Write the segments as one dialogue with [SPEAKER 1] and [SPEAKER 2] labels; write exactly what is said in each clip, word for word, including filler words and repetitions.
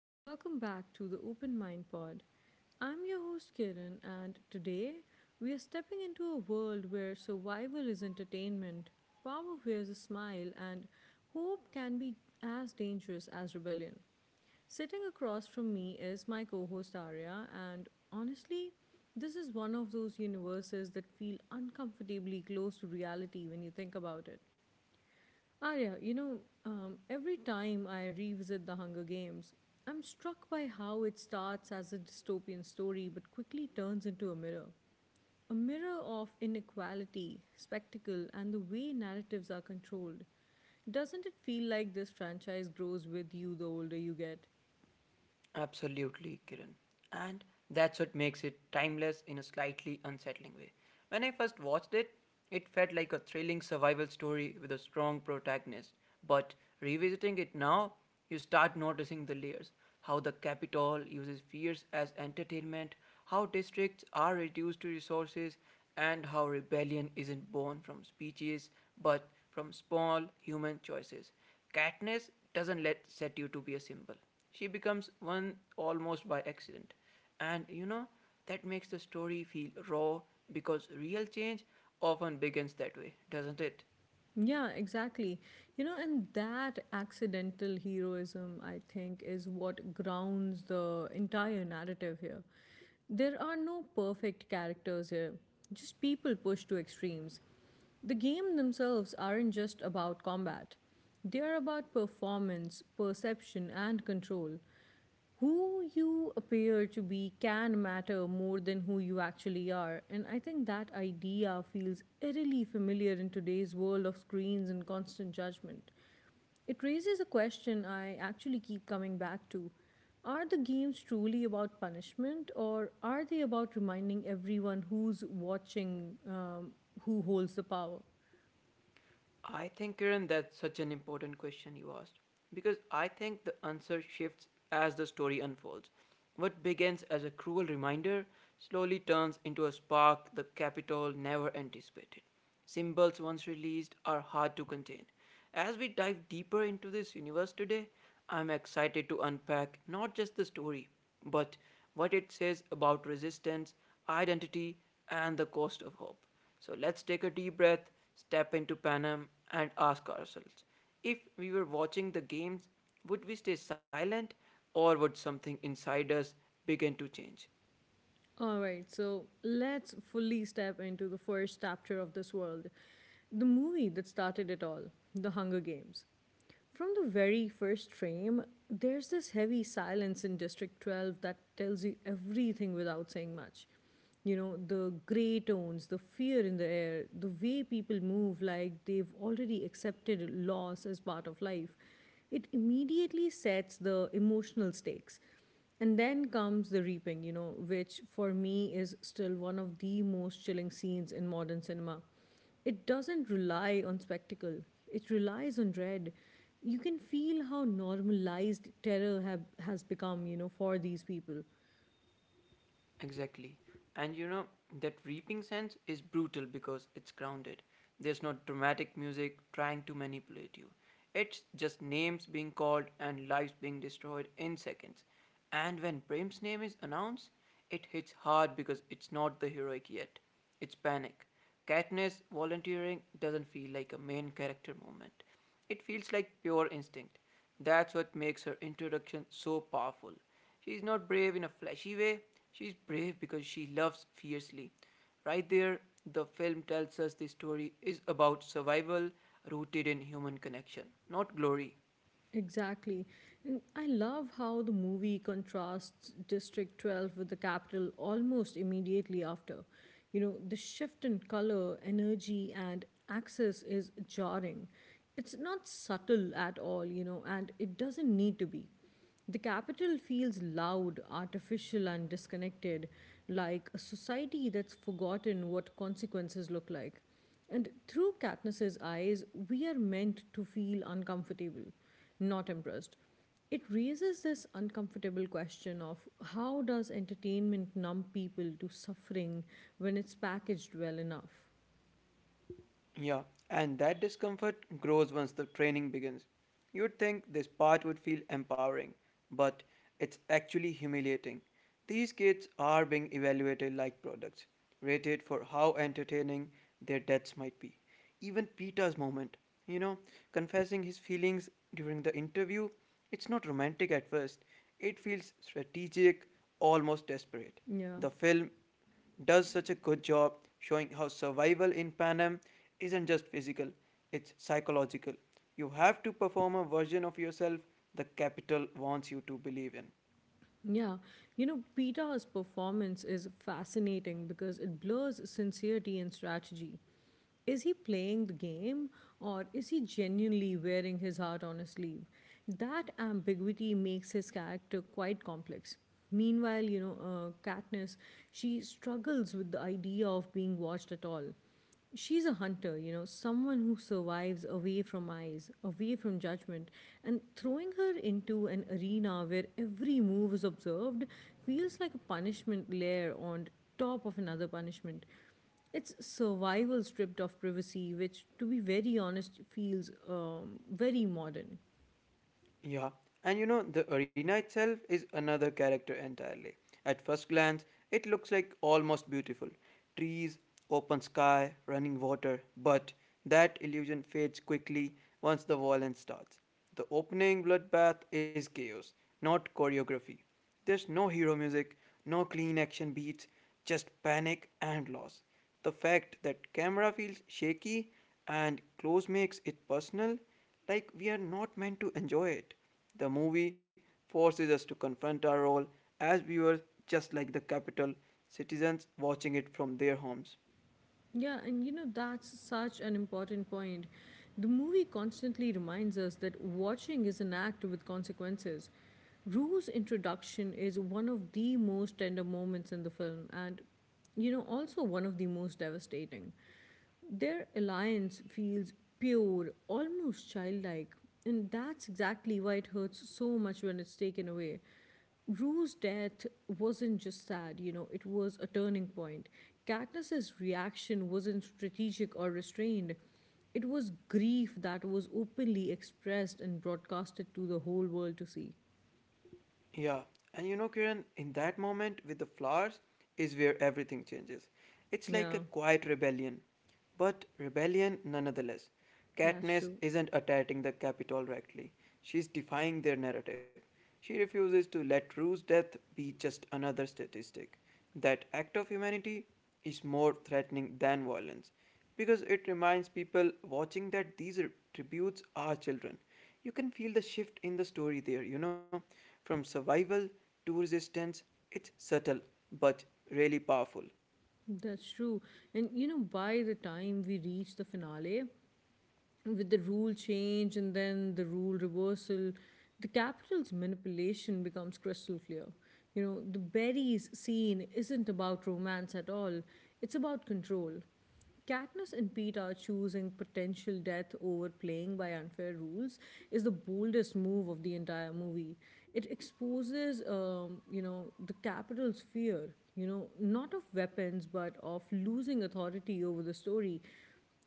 [SPEAKER 1] and welcome back to the Open Mind Pod. I'm your host Kiran, and today we are stepping into a world where survival is entertainment, power wears a smile, and hope can be as dangerous as rebellion. Sitting across from me is my co host Arya, and honestly, this is one of those universes that feel uncomfortably close to reality when you think about it. Arya, you know, um, every time I revisit The Hunger Games, I'm struck by how it starts as a dystopian story but quickly turns into a mirror. A mirror of inequality, spectacle, and the way narratives are controlled. Doesn't it feel like this franchise grows with you the older you get?
[SPEAKER 2] Absolutely, Kiran. And that's what makes it timeless in a slightly unsettling way. When I first watched it, it felt like a thrilling survival story with a strong protagonist. But revisiting it now, you start noticing the layers how the capital uses fears as entertainment, how districts are reduced to resources, and how rebellion isn't born from speeches but from small human choices. Katniss doesn't let set you to be a symbol. She becomes one almost by accident. And you know, that makes the story feel raw because real change often begins that way, doesn't it?
[SPEAKER 1] Yeah, exactly. You know, and that accidental heroism, I think, is what grounds the entire narrative here. There are no perfect characters here, just people pushed to extremes. The game themselves aren't just about combat, they are about performance, perception, and control who you appear to be can matter more than who you actually are. And I think that idea feels eerily familiar in today's world of screens and constant judgment. It raises a question I actually keep coming back to. Are the games truly about punishment, or are they about reminding everyone who's watching um, who holds the power?
[SPEAKER 2] I think, Kiran, that's such an important question you asked. Because I think the answer shifts as the story unfolds. What begins as a cruel reminder slowly turns into a spark the Capitol never anticipated. Symbols once released are hard to contain. As we dive deeper into this universe today, I'm excited to unpack not just the story, but what it says about resistance, identity, and the cost of hope. So let's take a deep breath, step into Panem, and ask ourselves if we were watching the games, would we stay silent or would something inside us begin to change?
[SPEAKER 1] All right, so let's fully step into the first chapter of this world the movie that started it all, The Hunger Games. From the very first frame, there's this heavy silence in District twelve that tells you everything without saying much. You know, the grey tones, the fear in the air, the way people move like they've already accepted loss as part of life. It immediately sets the emotional stakes. And then comes the reaping, you know, which for me is still one of the most chilling scenes in modern cinema. It doesn't rely on spectacle, it relies on dread. You can feel how normalized terror have, has become, you know, for these people.
[SPEAKER 2] Exactly. And you know, that reaping sense is brutal because it's grounded. There's not dramatic music trying to manipulate you. It's just names being called and lives being destroyed in seconds. And when Prem's name is announced, it hits hard because it's not the heroic yet. It's panic. Katniss volunteering doesn't feel like a main character moment. It feels like pure instinct. That's what makes her introduction so powerful. She's not brave in a flashy way, she's brave because she loves fiercely. Right there, the film tells us the story is about survival rooted in human connection, not glory.
[SPEAKER 1] Exactly. And I love how the movie contrasts District twelve with the capital almost immediately after. You know, the shift in color, energy, and access is jarring. It's not subtle at all, you know, and it doesn't need to be. The capital feels loud, artificial, and disconnected, like a society that's forgotten what consequences look like. And through Katniss's eyes, we are meant to feel uncomfortable, not impressed. It raises this uncomfortable question of how does entertainment numb people to suffering when it's packaged well enough?
[SPEAKER 2] Yeah, and that discomfort grows once the training begins. You'd think this part would feel empowering, but it's actually humiliating. These kids are being evaluated like products, rated for how entertaining their deaths might be. Even Peter's moment, you know, confessing his feelings during the interview, it's not romantic at first. It feels strategic, almost desperate.
[SPEAKER 1] Yeah.
[SPEAKER 2] The film does such a good job showing how survival in Panem isn't just physical, it's psychological. You have to perform a version of yourself the capital wants you to believe in.
[SPEAKER 1] Yeah, you know, Peta's performance is fascinating because it blurs sincerity and strategy. Is he playing the game or is he genuinely wearing his heart on his sleeve? That ambiguity makes his character quite complex. Meanwhile, you know, uh, Katniss, she struggles with the idea of being watched at all. She's a hunter, you know, someone who survives away from eyes, away from judgment. And throwing her into an arena where every move is observed feels like a punishment layer on top of another punishment. It's survival stripped of privacy, which, to be very honest, feels um, very modern.
[SPEAKER 2] Yeah, and you know, the arena itself is another character entirely. At first glance, it looks like almost beautiful trees, open sky, running water, but that illusion fades quickly once the violence starts. The opening bloodbath is chaos, not choreography. There's no hero music, no clean action beats, just panic and loss. The fact that camera feels shaky and close makes it personal like, we are not meant to enjoy it. The movie forces us to confront our role as viewers, just like the capital citizens watching it from their homes.
[SPEAKER 1] Yeah, and you know, that's such an important point. The movie constantly reminds us that watching is an act with consequences. Rue's introduction is one of the most tender moments in the film, and you know, also one of the most devastating. Their alliance feels pure, almost childlike, and that's exactly why it hurts so much when it's taken away. Rue's death wasn't just sad, you know, it was a turning point. Katniss's reaction wasn't strategic or restrained. It was grief that was openly expressed and broadcasted to the whole world to see.
[SPEAKER 2] Yeah, and you know, Kiran, in that moment with the flowers is where everything changes. It's like a
[SPEAKER 1] Yeah,
[SPEAKER 2] quiet rebellion, but rebellion nonetheless.
[SPEAKER 1] that's
[SPEAKER 2] Katniss
[SPEAKER 1] true.
[SPEAKER 2] isn't attacking the Capitol directly, she's defying their narrative. She refuses to let Rue's death be just another statistic. That act of humanity is more threatening than violence because it reminds people watching that these tributes are children you can feel the shift in the story there, you know, from survival to resistance. It's subtle, but really powerful.
[SPEAKER 1] That's true. And you know, by the time we reach the finale, with the rule change and then the rule reversal, the capital's manipulation becomes crystal clear. You know, the berries scene isn't about romance at all, it's about control. Katniss and Pete are choosing potential death over playing by unfair rules is the boldest move of the entire movie. It exposes, um, you know, the capital's fear, you know, not of weapons but of losing authority over the story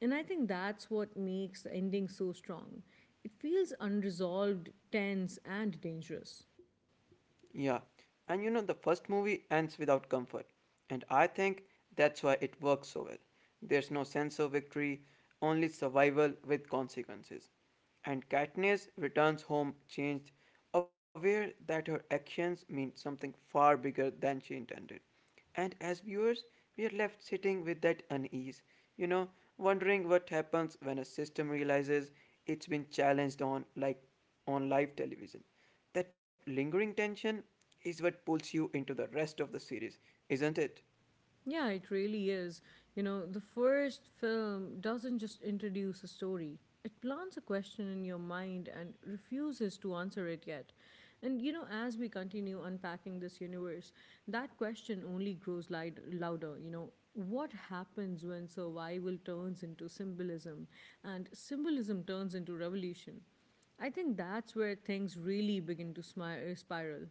[SPEAKER 1] and I think that's what makes the ending so strong. It feels unresolved, tense, and dangerous.
[SPEAKER 2] Yeah, and you know, the first movie ends without comfort, and I think that's why it works so well. There's no sense of victory, only survival with consequences. And Katniss returns home changed, aware that her actions mean something far bigger than she intended. And as viewers, we are left sitting with that unease, you know, wondering what happens when a system realizes it's been challenged on like on live television. That lingering tension is what pulls you into the rest of the series, isn't it?
[SPEAKER 1] Yeah, it really is. You know, the first film doesn't just introduce a story, it plants a question in your mind and refuses to answer it yet. And, you know, as we continue unpacking this universe, that question only grows light- louder. You know, what happens when survival turns into symbolism and symbolism turns into revolution? I think that's where things really begin to smi- uh, spiral.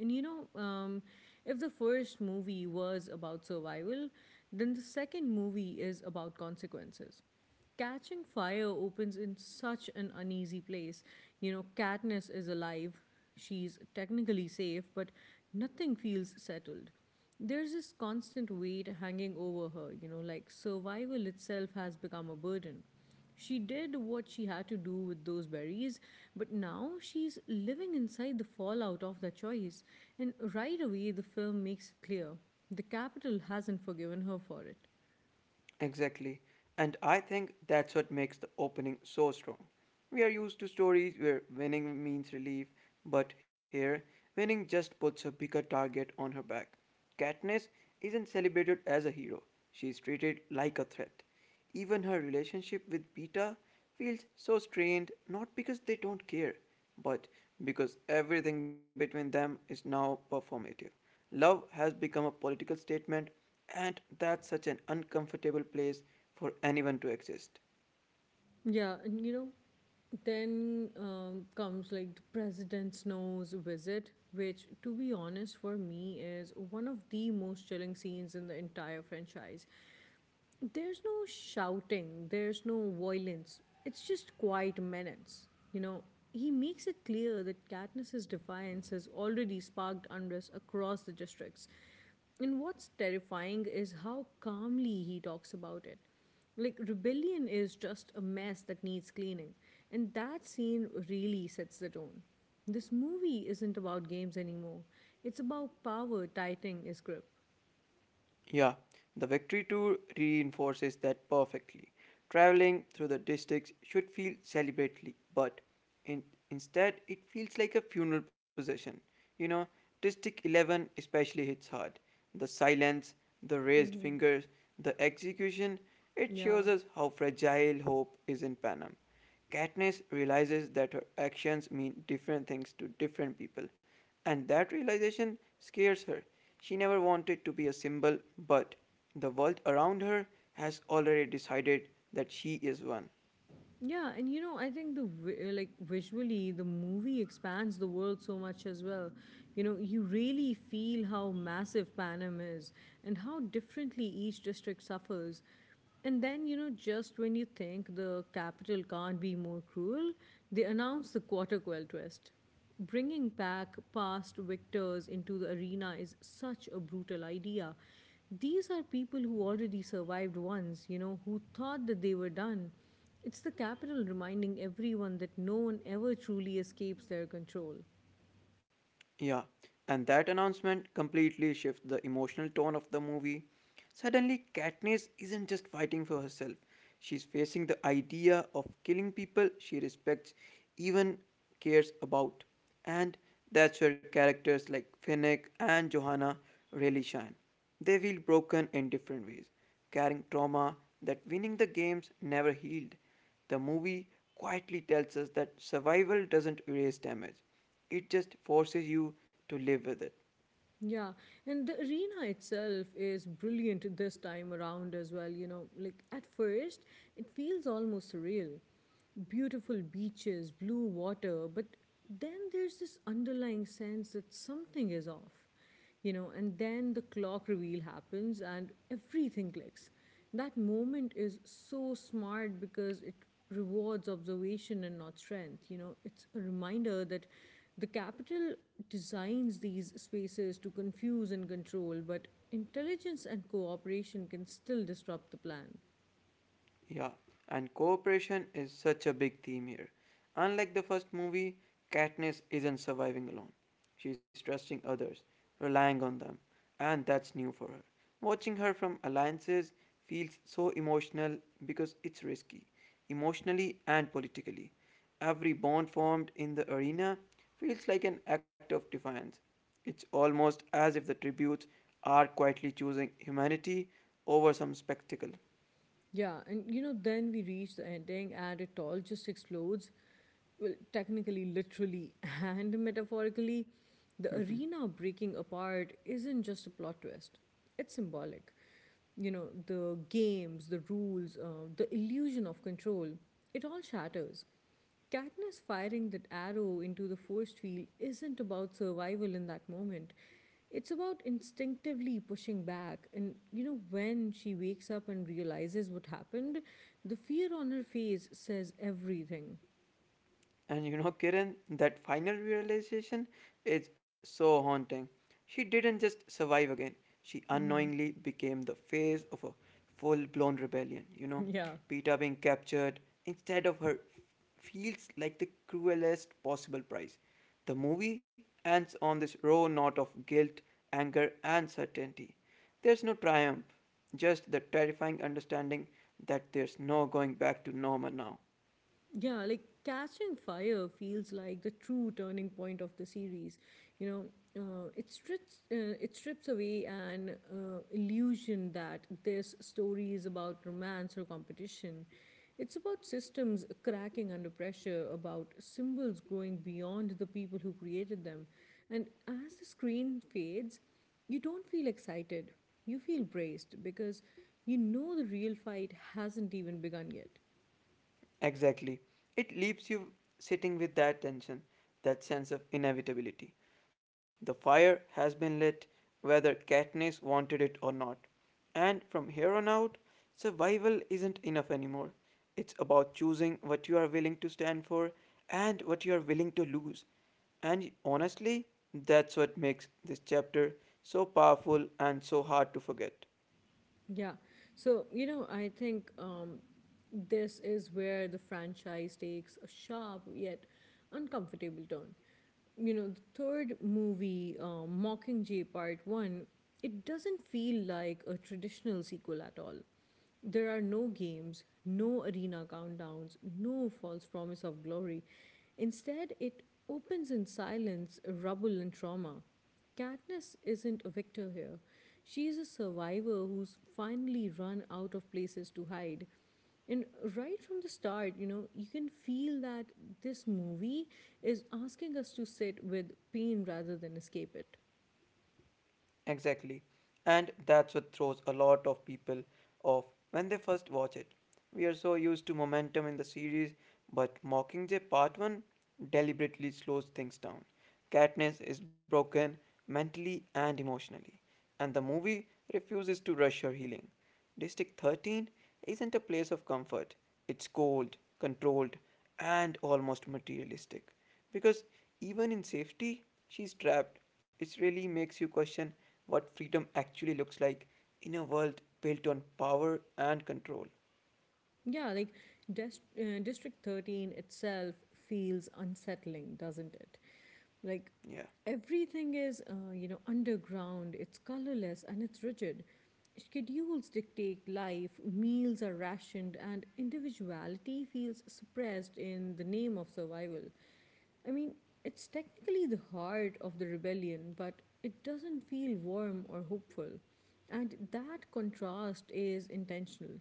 [SPEAKER 1] And you know, um, if the first movie was about survival, then the second movie is about consequences. Catching Fire opens in such an uneasy place. You know, Katniss is alive, she's technically safe, but nothing feels settled. There's this constant weight hanging over her, you know, like survival itself has become a burden. She did what she had to do with those berries, but now she's living inside the fallout of that choice. And right away, the film makes it clear the capital hasn't forgiven her for it.
[SPEAKER 2] Exactly. And I think that's what makes the opening so strong. We are used to stories where winning means relief, but here, winning just puts a bigger target on her back. Katniss isn't celebrated as a hero, she's treated like a threat. Even her relationship with Peeta feels so strained not because they don't care, but because everything between them is now performative. Love has become a political statement and that's such an uncomfortable place for anyone to exist.
[SPEAKER 1] Yeah, and you know, then um, comes like the President Snow's visit, which, to be honest, for me is one of the most chilling scenes in the entire franchise. There's no shouting, there's no violence. It's just quiet menace. You know, he makes it clear that Katniss's defiance has already sparked unrest across the districts. And what's terrifying is how calmly he talks about it. Like, rebellion is just a mess that needs cleaning. And that scene really sets the tone. This movie isn't about games anymore, it's about power tightening its grip.
[SPEAKER 2] Yeah, the victory tour reinforces that perfectly. Traveling through the districts should feel celebratory, but In, instead, it feels like a funeral procession. You know, District eleven especially hits hard. The silence, the raised fingers, the execution, it shows
[SPEAKER 1] Yeah.
[SPEAKER 2] us how fragile hope is in Panem. Katniss realizes that her actions mean different things to different people, and that realization scares her. She never wanted to be a symbol, but the world around her has already decided that she is one.
[SPEAKER 1] Yeah, and you know, I think the vi- uh, like visually, the movie expands the world so much as well. You know, you really feel how massive Panem is and how differently each district suffers. And then, you know, just when you think the capital can't be more cruel, they announce the Quarter Quell twist bringing back past victors into the arena is such a brutal idea. These are people who already survived once, you know, who thought that they were done. It's the capital reminding everyone that no one ever truly escapes their control.
[SPEAKER 2] Yeah, and that announcement completely shifts the emotional tone of the movie. Suddenly, Katniss isn't just fighting for herself, she's facing the idea of killing people she respects, even cares about. And that's where characters like Finnick and Johanna really shine. They feel broken in different ways, carrying trauma that winning the games never healed. The movie quietly tells us that survival doesn't erase damage, it just forces you to live with it.
[SPEAKER 1] Yeah, and the arena itself is brilliant this time around as well. You know, like at first, it feels almost surreal. Beautiful beaches, blue water, but then there's this underlying sense that something is off, you know, and then the clock reveal happens and everything clicks. That moment is so smart because it rewards observation and not strength. You know, it's a reminder that the capital designs these spaces to confuse and control, but intelligence and cooperation can still disrupt the plan.
[SPEAKER 2] Yeah, and cooperation is such a big theme here. Unlike the first movie, Katniss isn't surviving alone. She's trusting others, relying on them, and that's new for her. Watching her from alliances feels so emotional because it's risky, emotionally and politically. Every bond formed in the arena feels like an act of defiance. It's almost as if the tributes are quietly choosing humanity over some spectacle.
[SPEAKER 1] Yeah, and you know, then we reach the ending and it all just explodes. Well, technically, literally, and metaphorically, the arena breaking apart isn't just a plot twist, it's symbolic. You know, the games, the rules, uh, the illusion of control, it all shatters. Katniss firing that arrow into the force field isn't about survival in that moment. It's about instinctively pushing back. And, you know, when she wakes up and realizes what happened, the fear on her face says everything.
[SPEAKER 2] And you know, Kiran, that final realization is so haunting. She didn't just survive again, she unknowingly became the face of a full blown rebellion. You know,
[SPEAKER 1] Yeah.
[SPEAKER 2] Peter being captured instead of her feels like the cruelest possible price. The movie ends on this raw note of guilt, anger, and certainty. There's no triumph, just the terrifying understanding that there's no going back to normal now.
[SPEAKER 1] Yeah, like Catching Fire feels like the true turning point of the series. You know, uh, it strips uh, it strips away an uh, illusion that this story is about romance or competition. It's about systems cracking under pressure, about symbols growing beyond the people who created them. And as the screen fades, you don't feel excited. You feel braced because you know the real fight hasn't even begun yet.
[SPEAKER 2] Exactly. It leaves you sitting with that tension, that sense of inevitability. The fire has been lit, whether Katniss wanted it or not. And from here on out, survival isn't enough anymore. It's about choosing what you are willing to stand for and what you are willing to lose. And honestly, that's what makes this chapter so powerful and so hard to forget.
[SPEAKER 1] Yeah. So, you know, I think um, this is where the franchise takes a sharp yet uncomfortable turn. You know, the third movie, um, Mockingjay Part one, it doesn't feel like a traditional sequel at all. There are no games, no arena countdowns, no false promise of glory. Instead, it opens in silence, rubble, and trauma. Katniss isn't a victor here. She is a survivor who's finally run out of places to hide. And right from the start, you know, you can feel that this movie is asking us to sit with pain rather than escape it.
[SPEAKER 2] Exactly. And that's what throws a lot of people off when they first watch it. We are so used to momentum in the series, but Mockingjay Part one deliberately slows things down. Katniss is broken mentally and emotionally, and the movie refuses to rush her healing. District thirteen isn't a place of comfort, it's cold, controlled, and almost materialistic. Because even in safety, she's trapped. It really makes you question what freedom actually looks like in a world built on power and control.
[SPEAKER 1] Yeah, like Dest- uh, District thirteen itself feels unsettling, doesn't it? Like
[SPEAKER 2] Yeah.
[SPEAKER 1] everything is, uh, you know, underground, it's colorless and it's rigid. Schedules dictate life, meals are rationed, and individuality feels suppressed in the name of survival. I mean, it's technically the heart of the rebellion, but it doesn't feel warm or hopeful. And that contrast is intentional.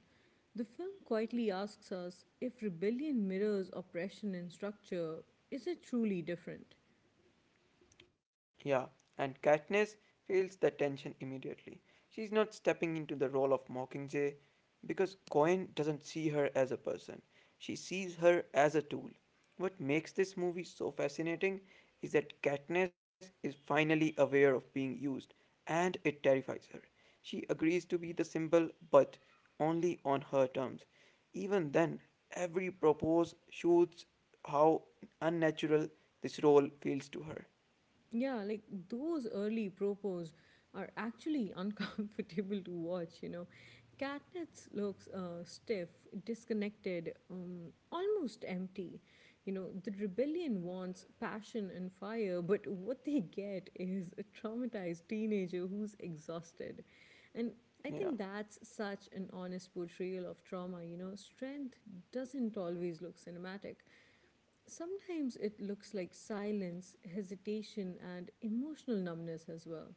[SPEAKER 1] The film quietly asks us if rebellion mirrors oppression in structure, is it truly different?
[SPEAKER 2] Yeah, and Katniss feels the tension immediately. She's not stepping into the role of Mockingjay because Cohen doesn't see her as a person. She sees her as a tool. What makes this movie so fascinating is that Katniss is finally aware of being used, and it terrifies her. She agrees to be the symbol, but only on her terms. Even then, every propose shows how unnatural this role feels to her.
[SPEAKER 1] Yeah, like those early propos are actually uncomfortable to watch, you know. Katniss looks uh, stiff, disconnected, um, almost empty. You know, the rebellion wants passion and fire, but what they get is a traumatized teenager who's exhausted. And I
[SPEAKER 2] Yeah.
[SPEAKER 1] think that's such an honest portrayal of trauma. You know, strength doesn't always look cinematic. Sometimes it looks like silence, hesitation, and emotional numbness as well.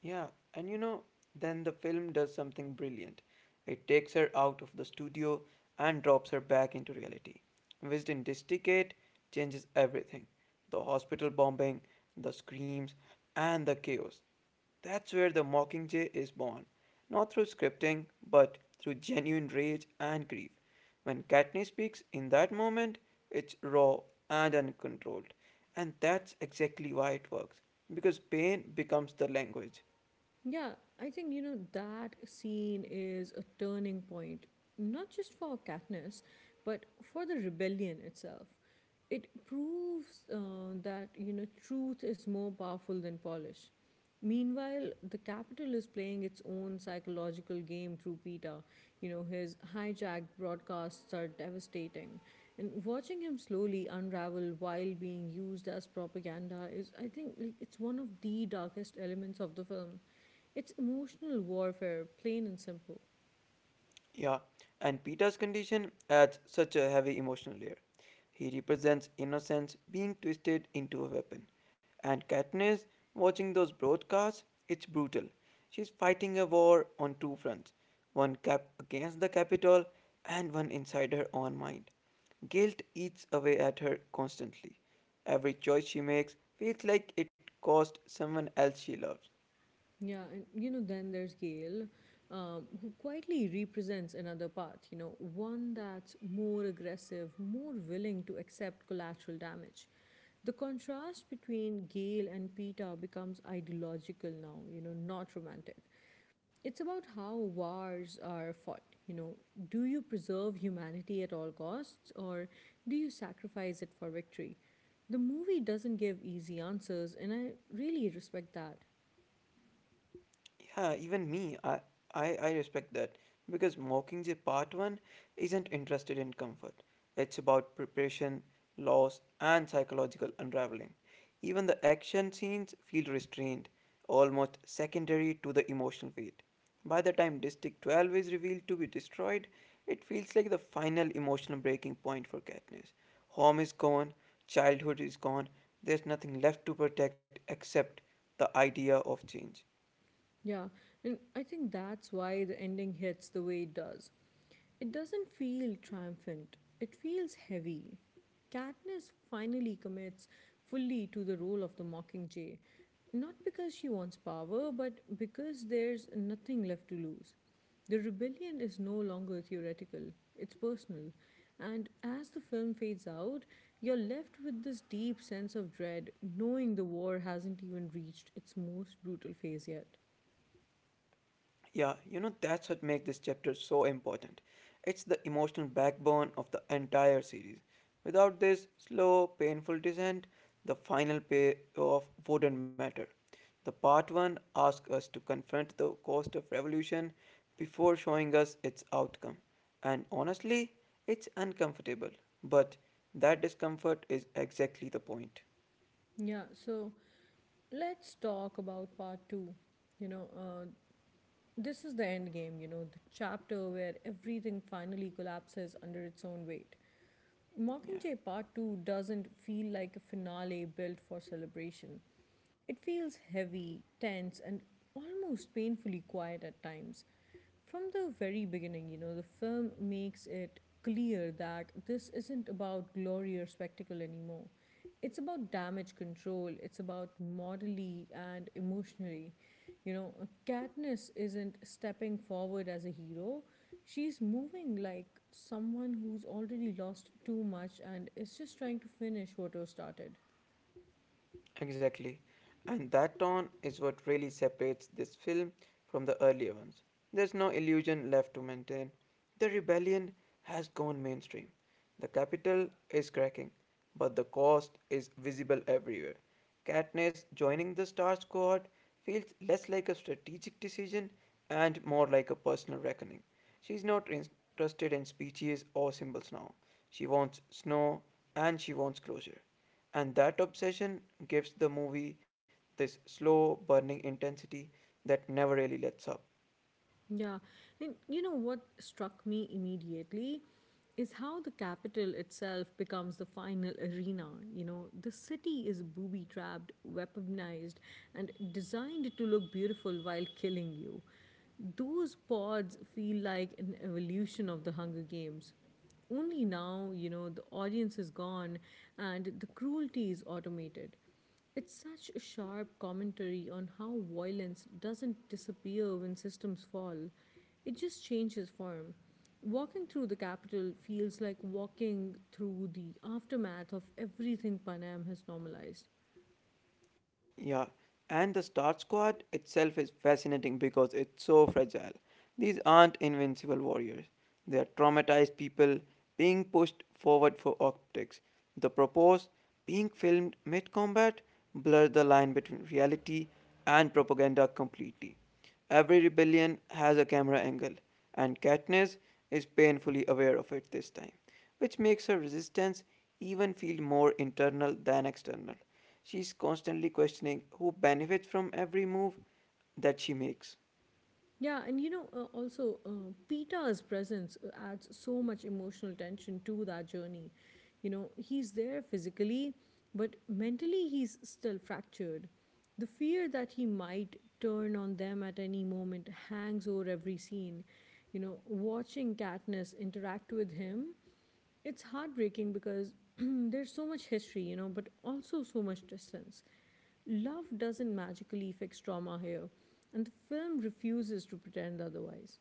[SPEAKER 2] Yeah, and you know, then the film does something brilliant. It takes her out of the studio and drops her back into reality. Wisden Districate changes everything the hospital bombing, the screams, and the chaos. That's where the Mockingjay is born. Not through scripting, but through genuine rage and grief. When Katniss speaks in that moment, it's raw and uncontrolled. And that's exactly why it works, because pain becomes the language.
[SPEAKER 1] Yeah, I think, you know, that scene is a turning point, not just for Katniss, but for the rebellion itself. It proves uh, that, you know, truth is more powerful than polish. Meanwhile, the capital is playing its own psychological game through Peter. You know, his hijacked broadcasts are devastating. And watching him slowly unravel while being used as propaganda is, I think, like it's one of the darkest elements of the film. It's emotional warfare, plain and simple.
[SPEAKER 2] Yeah, and Peter's condition adds such a heavy emotional layer. He represents innocence being twisted into a weapon. And Katniss, watching those broadcasts, it's brutal. She's fighting a war on two fronts one cap against the Capitol and one inside her own mind. Guilt eats away at her constantly. Every choice she makes feels like it cost someone else she loves.
[SPEAKER 1] Yeah, and you know, then there's Gail, um, who quietly represents another path, you know, one that's more aggressive, more willing to accept collateral damage. The contrast between Gail and Peter becomes ideological now, you know, not romantic. It's about how wars are fought. You know, do you preserve humanity at all costs or do you sacrifice it for victory? The movie doesn't give easy answers, and I really respect that.
[SPEAKER 2] Yeah, even me, I, I, I respect that because Mockingjay Part one isn't interested in comfort. It's about preparation, loss, and psychological unraveling. Even the action scenes feel restrained, almost secondary to the emotional weight. By the time District twelve is revealed to be destroyed, it feels like the final emotional breaking point for Katniss. Home is gone, childhood is gone, there's nothing left to protect except the idea of change.
[SPEAKER 1] Yeah, and I think that's why the ending hits the way it does. It doesn't feel triumphant, it feels heavy. Katniss finally commits fully to the role of the Mockingjay, not because she wants power, but because there's nothing left to lose. The rebellion is no longer theoretical, it's personal. And as the film fades out, you're left with this deep sense of dread, knowing the war hasn't even reached its most brutal phase yet.
[SPEAKER 2] Yeah, you know, that's what makes this chapter so important. It's the emotional backbone of the entire series. Without this slow, painful descent, the final payoff wouldn't matter. The part one asks us to confront the cost of revolution before showing us its outcome. And honestly, it's uncomfortable, but that discomfort is exactly the point.
[SPEAKER 1] Yeah, so let's talk about part two. You know, uh, this is the end game, you know, the chapter where everything finally collapses under its own weight.
[SPEAKER 2] Yeah.
[SPEAKER 1] Mockingjay Part two doesn't feel like a finale built for celebration. It feels heavy, tense, and almost painfully quiet at times. From the very beginning, you know, the film makes it clear that this isn't about glory or spectacle anymore. It's about damage control, it's about morally and emotionally. You know, Katniss isn't stepping forward as a hero, she's moving like someone who's already lost too much and is just trying to finish what was started.
[SPEAKER 2] Exactly. And that tone is what really separates this film from the earlier ones. There's no illusion left to maintain. The rebellion has gone mainstream. The capital is cracking, but the cost is visible everywhere. Katniss joining the Star Squad feels less like a strategic decision and more like a personal reckoning. She's not interested in speeches or symbols now. She wants snow and she wants closure. And that obsession gives the movie this slow burning intensity that never really lets up.
[SPEAKER 1] Yeah. And you know what struck me immediately is how the capital itself becomes the final arena. You know, the city is booby trapped, weaponized, and designed to look beautiful while killing you. Those pods feel like an evolution of the Hunger Games. Only now, you know, the audience is gone and the cruelty is automated. It's such a sharp commentary on how violence doesn't disappear when systems fall, it just changes form. Walking through the capital feels like walking through the aftermath of everything Panam has normalized.
[SPEAKER 2] Yeah. And the Star Squad itself is fascinating because it's so fragile. These aren't invincible warriors. They are traumatized people being pushed forward for optics. The propose being filmed mid combat blurs the line between reality and propaganda completely. Every rebellion has a camera angle, and Katniss is painfully aware of it this time, which makes her resistance even feel more internal than external. She's constantly questioning who benefits from every move that she makes.
[SPEAKER 1] Yeah, and you know, uh, also, uh, Peter's presence uh, adds so much emotional tension to that journey. You know, he's there physically, but mentally, he's still fractured. The fear that he might turn on them at any moment hangs over every scene. You know, watching Katniss interact with him it's heartbreaking because there's so much history, you know, but also so much distance. Love doesn't magically fix trauma here, and the film refuses to pretend otherwise.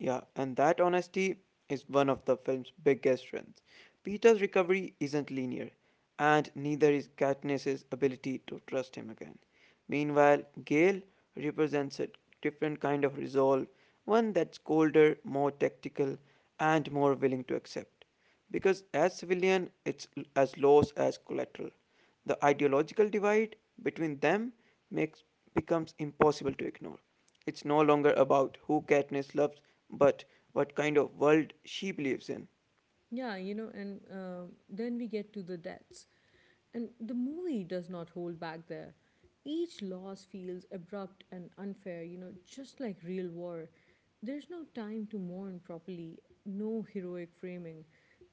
[SPEAKER 2] Yeah, and that honesty is one of the film's biggest strengths. Peter's recovery isn't linear, and neither is Katniss's ability to trust him again. Meanwhile, Gale represents a different kind of resolve, one that's colder, more tactical, and more willing to accept. Because as civilian, it's l- as loss as collateral. The ideological divide between them makes becomes impossible to ignore. It's no longer about who Katniss loves, but what kind of world she believes in.
[SPEAKER 1] Yeah, you know, and uh, then we get to the deaths. And the movie does not hold back there. Each loss feels abrupt and unfair, you know, just like real war. There's no time to mourn properly, no heroic framing.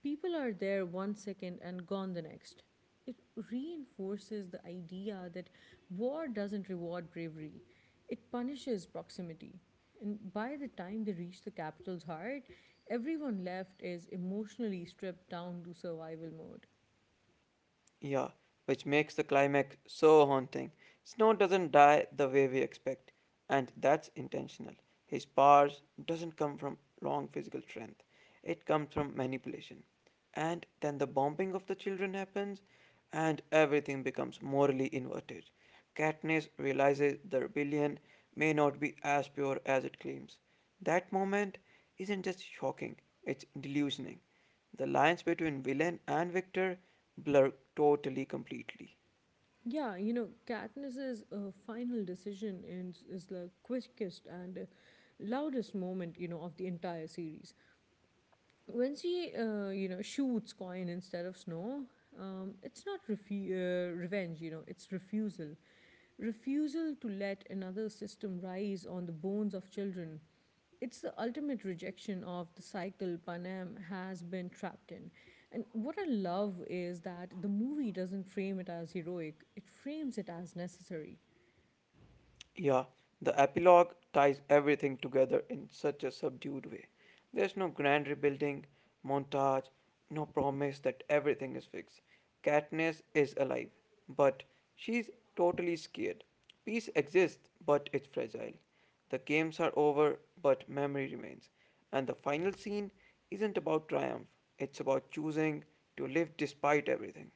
[SPEAKER 1] People are there one second and gone the next. It reinforces the idea that war doesn't reward bravery, it punishes proximity. And by the time they reach the capital's heart, everyone left is emotionally stripped down to survival mode.
[SPEAKER 2] Yeah, which makes the climax so haunting. Snow doesn't die the way we expect, and that's intentional. His powers doesn't come from wrong physical strength. It comes from manipulation. And then the bombing of the children happens, and everything becomes morally inverted. Katniss realizes the rebellion may not be as pure as it claims. That moment isn't just shocking, it's delusioning. The lines between villain and victor blur totally completely.
[SPEAKER 1] Yeah, you know, Katniss's uh, final decision is, is the quickest and uh, loudest moment, you know, of the entire series. When she, uh, you know, shoots Coin instead of Snow, um, it's not refu- uh, revenge, you know, it's refusal. Refusal to let another system rise on the bones of children it's the ultimate rejection of the cycle Panem has been trapped in. And what I love is that the movie doesn't frame it as heroic, it frames it as necessary.
[SPEAKER 2] Yeah, the epilogue ties everything together in such a subdued way. There's no grand rebuilding, montage, no promise that everything is fixed. Katniss is alive, but she's totally scared. Peace exists, but it's fragile. The games are over, but memory remains. And the final scene isn't about triumph, it's about choosing to live despite everything.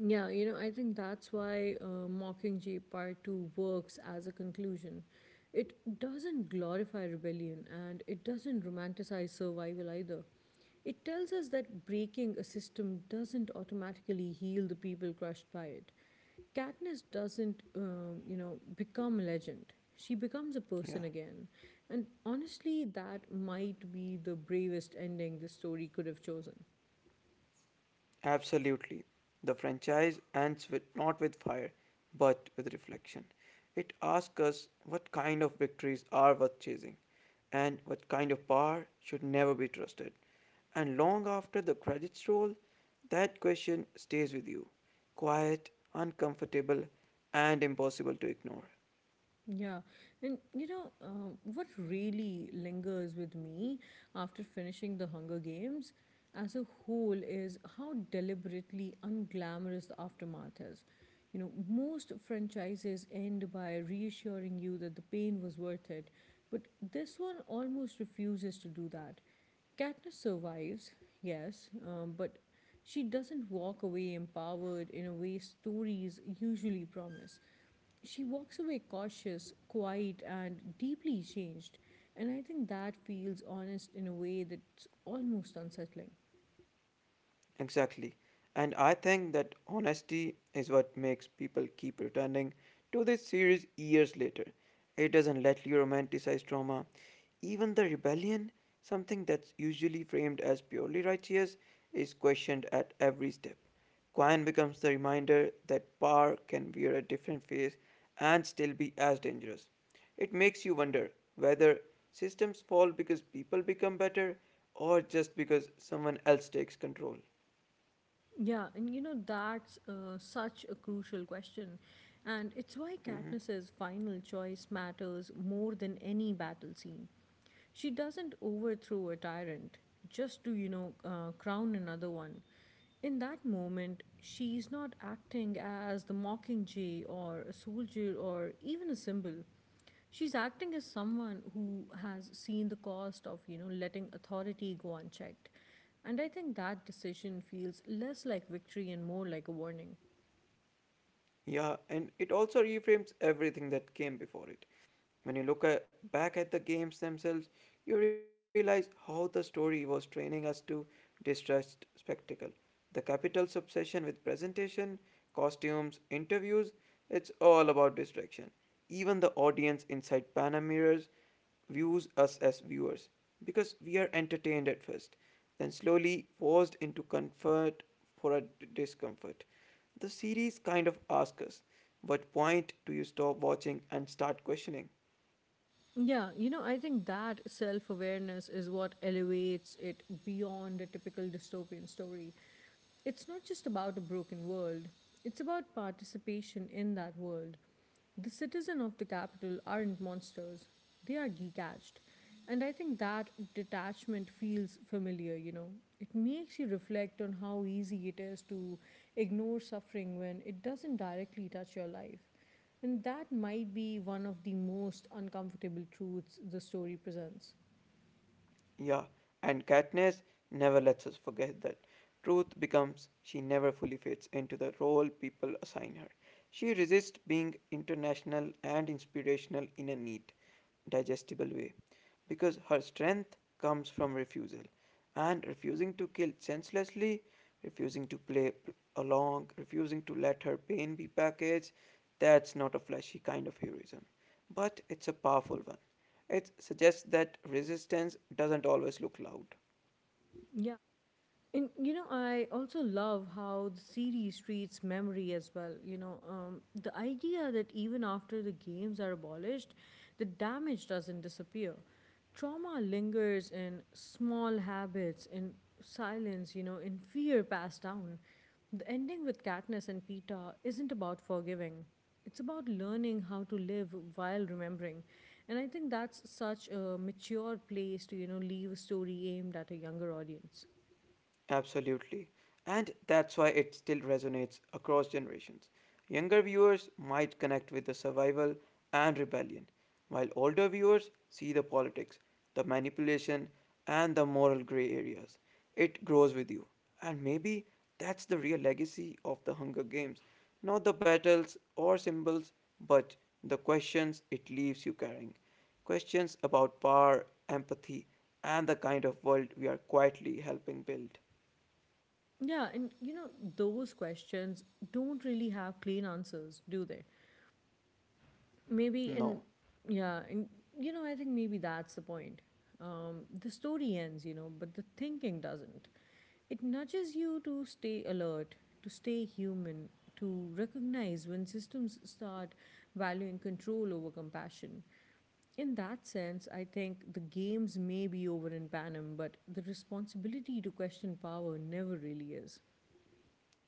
[SPEAKER 1] Yeah, you know, I think that's why uh, Mockingjay Part two works as a conclusion. It doesn't glorify rebellion and it doesn't romanticize survival either. It tells us that breaking a system doesn't automatically heal the people crushed by it. Katniss doesn't, um, you know, become a legend. She becomes a
[SPEAKER 2] Yeah,
[SPEAKER 1] person again. And honestly, that might be the bravest ending the story could have chosen.
[SPEAKER 2] absolutely. The franchise ends with not with fire, but with reflection. It asks us what kind of victories are worth chasing, and what kind of power should never be trusted. And long after the credits roll, that question stays with you, quiet, uncomfortable, and impossible to ignore.
[SPEAKER 1] Yeah, and you know, uh, what really lingers with me after finishing the Hunger Games as a whole is how deliberately unglamorous the aftermath is. You know, most franchises end by reassuring you that the pain was worth it, but this one almost refuses to do that. Katniss survives, yes, um, but she doesn't walk away empowered in a way stories usually promise. She walks away cautious, quiet, and deeply changed. And I think that feels honest in a way that's almost unsettling.
[SPEAKER 2] Exactly. And I think that honesty is what makes people keep returning to this series years later. It doesn't let you romanticize trauma. Even the rebellion, something that's usually framed as purely righteous, is questioned at every step. Quine becomes the reminder that power can wear a different face and still be as dangerous. It makes you wonder whether systems fall because people become better or just because someone else takes control.
[SPEAKER 1] Yeah, and you know, that's uh, such a crucial question. And it's why
[SPEAKER 2] Mhm.
[SPEAKER 1] Katniss's final choice matters more than any battle scene. She doesn't overthrow a tyrant just to, you know, uh, crown another one. In that moment, she's not acting as the mockingjay or a soldier or even a symbol. She's acting as someone who has seen the cost of, you know, letting authority go unchecked. And I think that decision feels less like victory and more like a warning.
[SPEAKER 2] Yeah, and it also reframes everything that came before it. When you look at, back at the games themselves, you realize how the story was training us to distrust spectacle. The capital's obsession with presentation, costumes, interviews, it's all about distraction. Even the audience inside Pana Mirrors views us as viewers because we are entertained at first, then slowly forced into comfort for a d- discomfort. The series kind of asks us, what point do you stop watching and start questioning?
[SPEAKER 1] Yeah, you know, I think that self awareness is what elevates it beyond a typical dystopian story. It's not just about a broken world, it's about participation in that world. The citizens of the capital aren't monsters, they are detached. And I think that detachment feels familiar, you know. It makes you reflect on how easy it is to ignore suffering when it doesn't directly touch your life. And that might be one of the most uncomfortable truths the story presents.
[SPEAKER 2] Yeah, and Katniss never lets us forget that. Truth becomes she never fully fits into the role people assign her. She resists being international and inspirational in a neat, digestible way because her strength comes from refusal and refusing to kill senselessly, refusing to play along, refusing to let her pain be packaged. That's not a flashy kind of heroism, but it's a powerful one. It suggests that resistance doesn't always look loud.
[SPEAKER 1] Yeah. And you know, I also love how the series treats memory as well. You know, um, the idea that even after the games are abolished, the damage doesn't disappear. Trauma lingers in small habits, in silence, you know, in fear passed down. The ending with Katniss and Peeta isn't about forgiving. It's about learning how to live while remembering. And I think that's such a mature place to, you know, leave a story aimed at a younger audience.
[SPEAKER 2] Absolutely. And that's why it still resonates across generations. Younger viewers might connect with the survival and rebellion, while older viewers see the politics, the manipulation, and the moral gray areas. It grows with you. And maybe that's the real legacy of the Hunger Games not the battles or symbols, but the questions it leaves you carrying. Questions about power, empathy, and the kind of world we are quietly helping build.
[SPEAKER 1] Yeah, and you know, those questions don't really have clean answers, do they? Maybe,
[SPEAKER 2] No,
[SPEAKER 1] and yeah, and you know, I think maybe that's the point. Um, the story ends, you know, but the thinking doesn't. It nudges you to stay alert, to stay human, to recognize when systems start valuing control over compassion. In that sense, I think the games may be over in Panem, but the responsibility to question power never really is.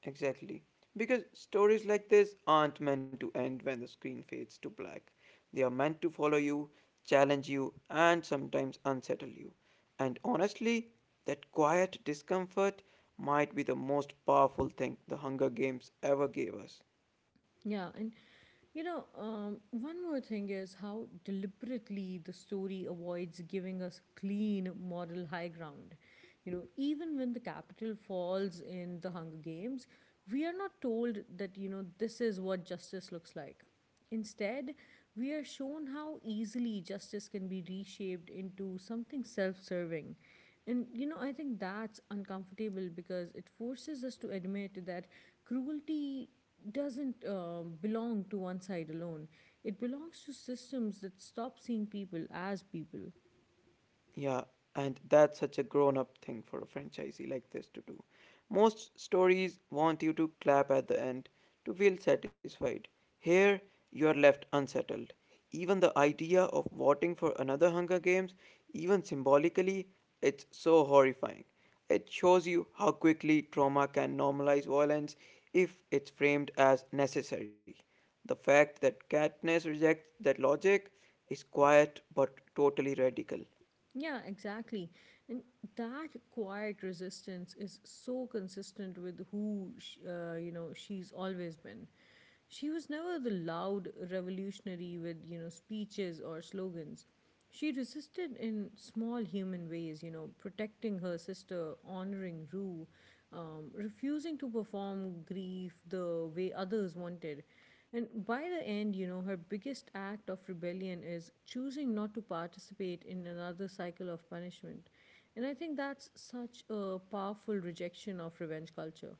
[SPEAKER 2] exactly. Because stories like this aren't meant to end when the screen fades to black. They are meant to follow you, challenge you, and sometimes unsettle you. And honestly, that quiet discomfort might be the most powerful thing the Hunger Games ever gave us.
[SPEAKER 1] Yeah, and you know, um, one more thing is how deliberately the story avoids giving us clean moral high ground. You know, even when the capital falls in the Hunger Games, we are not told that, you know, this is what justice looks like. Instead, we are shown how easily justice can be reshaped into something self serving. And you know, I think that's uncomfortable because it forces us to admit that cruelty doesn't uh, belong to one side alone. It belongs to systems that stop seeing people as people.
[SPEAKER 2] Yeah, and that's such a grown up thing for a franchisee like this to do. Most stories want you to clap at the end to feel satisfied. Here, you are left unsettled. Even the idea of voting for another Hunger Games, even symbolically, it's so horrifying. It shows you how quickly trauma can normalize violence if it's framed as necessary. The fact that Katniss rejects that logic is quiet but totally radical.
[SPEAKER 1] Yeah, exactly. And that quiet resistance is so consistent with who sh- uh, you know she's always been. She was never the loud revolutionary with you know speeches or slogans. She resisted in small human ways, you know, protecting her sister, honoring Rue, um, refusing to perform grief the way others wanted and by the end, you know, her biggest act of rebellion is choosing not to participate in another cycle of punishment. And I think that's such a powerful rejection of revenge culture.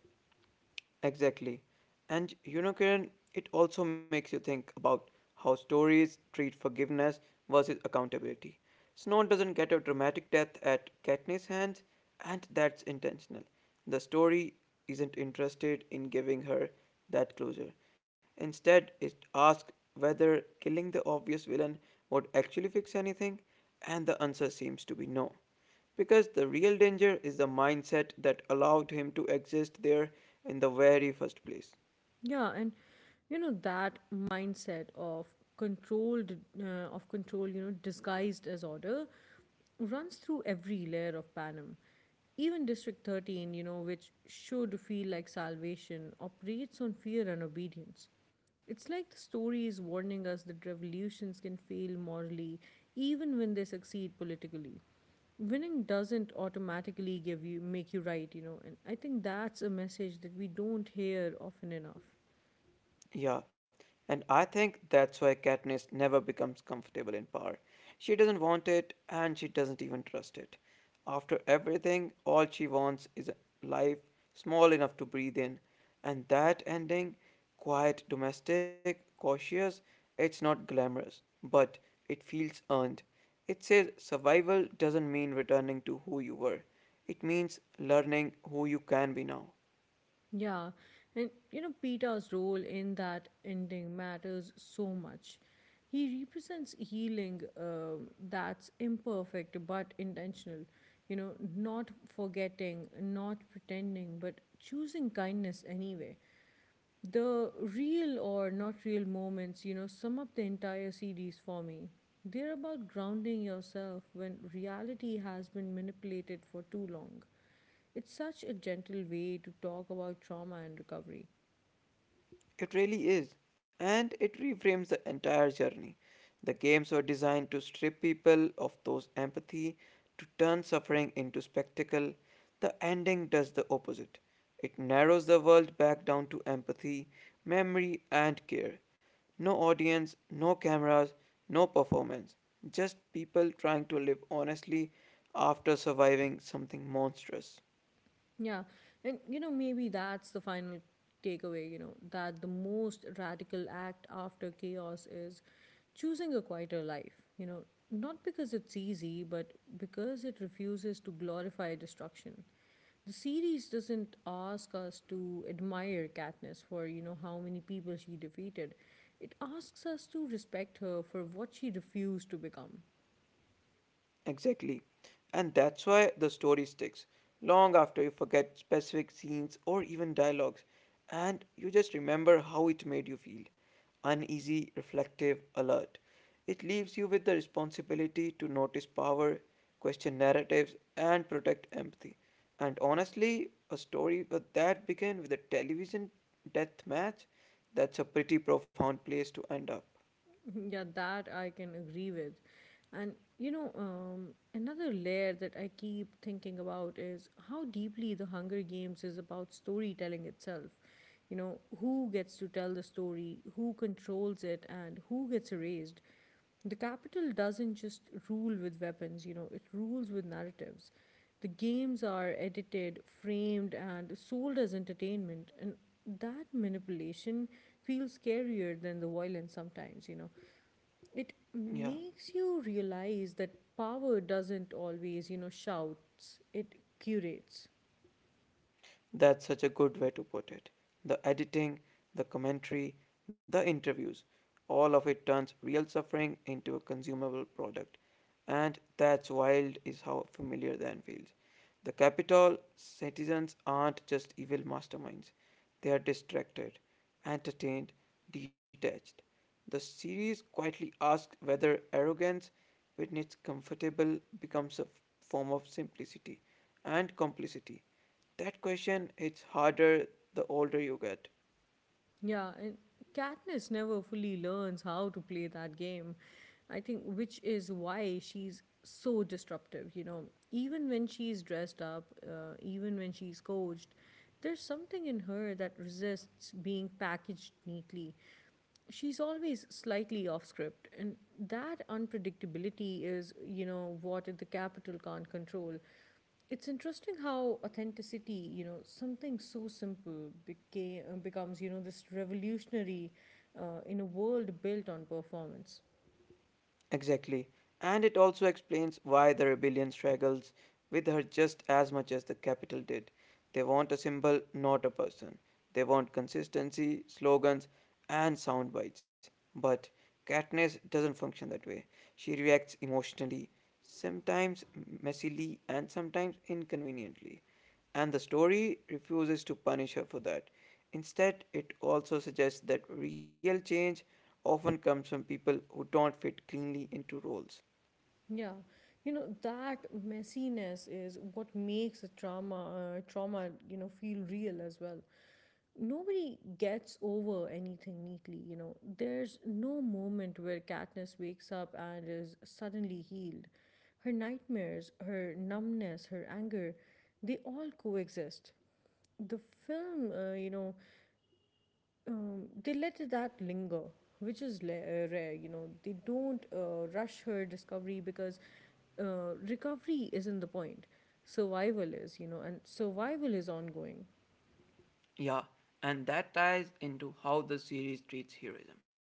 [SPEAKER 2] Exactly. And you know, Kiran, it also makes you think about how stories treat forgiveness versus accountability. Snow doesn't get a dramatic death at Katniss' hands, and that's intentional. The story isn't interested in giving her that closure. Instead, it asks whether killing the obvious villain would actually fix anything, and the answer seems to be no. Because the real danger is the mindset that allowed him to exist there in the very first place.
[SPEAKER 1] Yeah, and you know that mindset of controlled uh, of control, you know, disguised as order, runs through every layer of Panem. Even District thirteen, you know, which should feel like salvation, operates on fear and obedience. It's like the story is warning us that revolutions can fail morally even when they succeed politically winning doesn't automatically give you make you right you know and I think that's a message that we don't hear often enough
[SPEAKER 2] Yeah, and I think that's why Katniss never becomes comfortable in power. She doesn't want it, and she doesn't even trust it. After everything, all she wants is a life small enough to breathe in, and that ending, quiet, domestic, cautious, it's not glamorous, but it feels earned. It says survival doesn't mean returning to who you were. It means learning who you can be now.
[SPEAKER 1] yeah and you know peter's role in that ending matters so much he represents healing um that's imperfect but intentional you know not forgetting not pretending but choosing kindness anyway the real or not real moments, you know, sum up the entire series for me. They're about grounding yourself when reality has been manipulated for too long. It's such a gentle way to talk about trauma and recovery.
[SPEAKER 2] It really is, and it reframes the entire journey. The games were designed to strip people of those empathy, to turn suffering into spectacle. The ending does the opposite. It narrows the world back down to empathy, memory, and care. No audience, no cameras, no performance. Just people trying to live honestly after surviving something monstrous.
[SPEAKER 1] Yeah. And, you know, maybe that's the final takeaway, you know, that the most radical act after chaos is choosing a quieter life, you know, not because it's easy, but because it refuses to glorify destruction. The series doesn't ask us to admire Katniss for, you know, how many people she defeated. It asks us to respect her for what she refused to become.
[SPEAKER 2] Exactly. And that's why the story sticks long after you forget specific scenes or even dialogues, and you just remember how it made you feel uneasy, reflective, alert. It leaves you with the responsibility to notice power, question narratives, and protect empathy. And honestly, a story but that began with a television death match, that's a pretty profound place to end up.
[SPEAKER 1] Yeah, that I can agree with. And you know, um, another layer that I keep thinking about is how deeply the Hunger Games is about storytelling itself. You know, who gets to tell the story, who controls it, and who gets erased. The capital doesn't just rule with weapons, you know, it rules with narratives. The games are edited, framed, and sold as entertainment, and that manipulation feels scarier than the violence sometimes, you know. It
[SPEAKER 2] Yeah.
[SPEAKER 1] makes you realize that power doesn't always, you know, shouts, it curates.
[SPEAKER 2] That's such a good way to put it. The editing, the commentary, the interviews, all of it turns real suffering into a consumable product. And that's wild, is how familiar then feels. The capital citizens aren't just evil masterminds, they are distracted, entertained, detached. The series quietly asks whether arrogance, when it's comfortable, becomes a form of simplicity and complicity. That question it's harder the older you get.
[SPEAKER 1] Yeah, and Katniss never fully learns how to play that game, I think, which is why she's so disruptive, you know. Even when she's dressed up, uh, even when she's coached, there's something in her that resists being packaged neatly. She's always slightly off script, and that unpredictability is, you know, what the capital can't control. It's interesting how authenticity, you know, something so simple became uh, becomes, you know, this revolutionary uh, in a world built on performance.
[SPEAKER 2] Exactly. And it also explains why the rebellion struggles with her just as much as the capital did. They want a symbol, not a person. They want consistency, slogans, and sound bites. But Katniss doesn't function that way. She reacts emotionally, sometimes messily, and sometimes inconveniently. And the story refuses to punish her for that. Instead, it also suggests that real change often comes from people who don't fit cleanly into roles.
[SPEAKER 1] Yeah, you know that messiness is what makes a trauma, uh, trauma, you know, feel real as well. Nobody gets over anything neatly. You know, there's no moment where Katniss wakes up and is suddenly healed. Her nightmares, her numbness, her anger, they all coexist. the film, uh, you know, um, they let that linger, which is la- uh, rare. You know, they don't uh, rush her discovery because uh, recovery isn't the point. Survival is, you know, and survival is ongoing.
[SPEAKER 2] Yeah, and that ties into how the series treats heroism.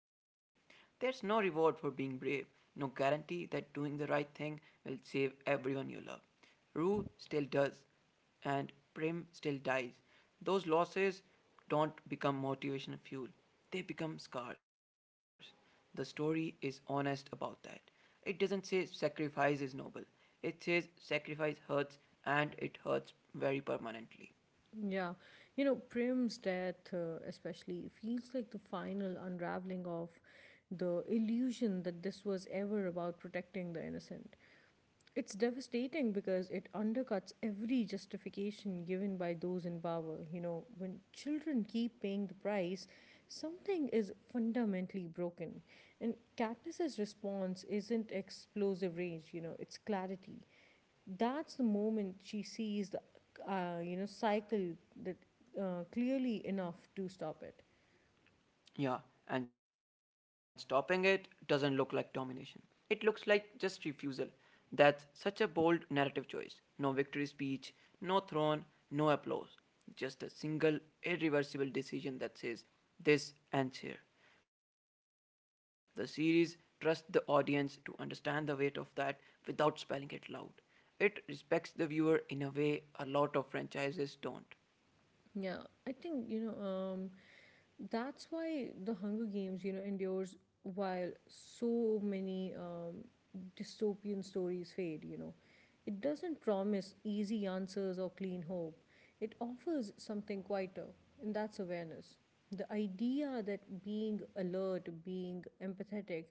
[SPEAKER 2] There's no reward for being brave, no guarantee that doing the right thing will save everyone you love. Rue still does, and Prim still dies. Those losses don't become motivational fuel, they become scars. The story is honest about that. It doesn't say sacrifice is noble, it says sacrifice hurts, and it hurts very permanently.
[SPEAKER 1] Yeah, you know, Prim's death, uh, especially, feels like the final unraveling of the illusion that this was ever about protecting the innocent. It's devastating because it undercuts every justification given by those in power. You know, when children keep paying the price, something is fundamentally broken. And Katniss's response isn't explosive rage, you know, it's clarity. That's the moment she sees the, uh, you know, cycle that uh, clearly enough to stop it.
[SPEAKER 2] Yeah, and stopping it doesn't look like domination. It looks like just refusal. That's such a bold narrative choice. No victory speech, no throne, no applause. Just a single, irreversible decision that says, this ends here. The series trusts the audience to understand the weight of that without spelling it loud. It respects the viewer in a way a lot of franchises don't.
[SPEAKER 1] Yeah, I think you know um, that's why the Hunger Games you know endures while so many um, dystopian stories fade. You know, it doesn't promise easy answers or clean hope. It offers something quieter, and that's awareness. The idea that being alert, being empathetic,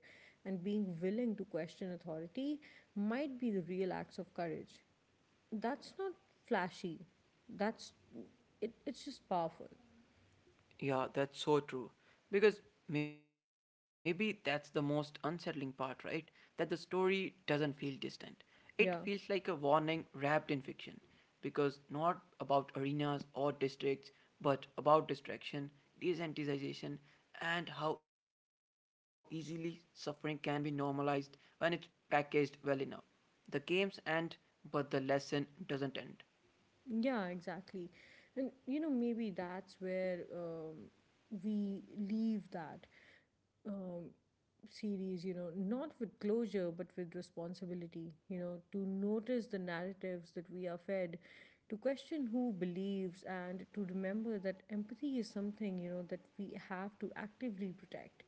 [SPEAKER 1] and being willing to question authority might be the real acts of courage, that's not flashy, that's it, it's just powerful.
[SPEAKER 2] Yeah, that's so true. Because maybe that's the most unsettling part, right? That the story doesn't feel distant. It feels like
[SPEAKER 1] Yeah.
[SPEAKER 2] a warning wrapped in fiction. Because not about arenas or districts, but about distraction, desensitization, and how easily suffering can be normalized when it's packaged well enough. The games end, but the lesson doesn't end.
[SPEAKER 1] Yeah, exactly. And you know maybe that's where um, we leave that um, series, you know, not with closure, but with responsibility, you know, to notice the narratives that we are fed, to question who believes, and to remember that empathy is something, you know, that we have to actively protect.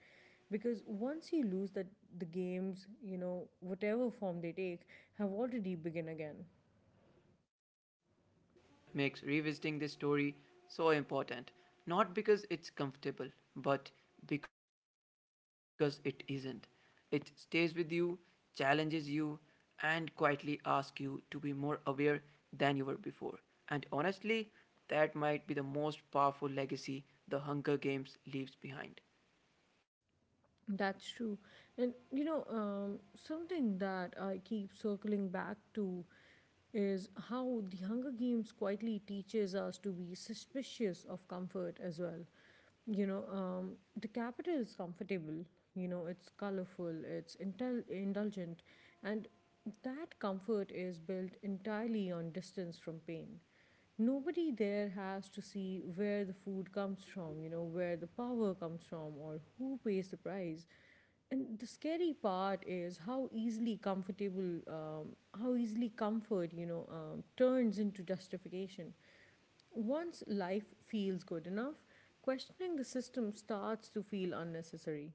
[SPEAKER 1] Because once you lose that, the games, you know, whatever form they take, have already begun again.
[SPEAKER 2] Yeah, and that's what makes revisiting this story so important. Not because it's comfortable, but because it isn't. It stays with you, challenges you, and quietly asks you to be more aware than you were before. And honestly, that might be the most powerful legacy the Hunger Games leaves behind.
[SPEAKER 1] That's true. And you know, um, something that I keep circling back to is how the Hunger Games quietly teaches us to be suspicious of comfort as well. You know, um, the capital is comfortable, you know, it's colorful, it's intel- indulgent, and that comfort is built entirely on distance from pain. Nobody there has to see where the food comes from, you know, where the power comes from, or who pays the price. And the scary part is how easily comfortable, um, how easily comfort, you know, um, turns into justification. Once life feels good enough, questioning the system starts to feel unnecessary.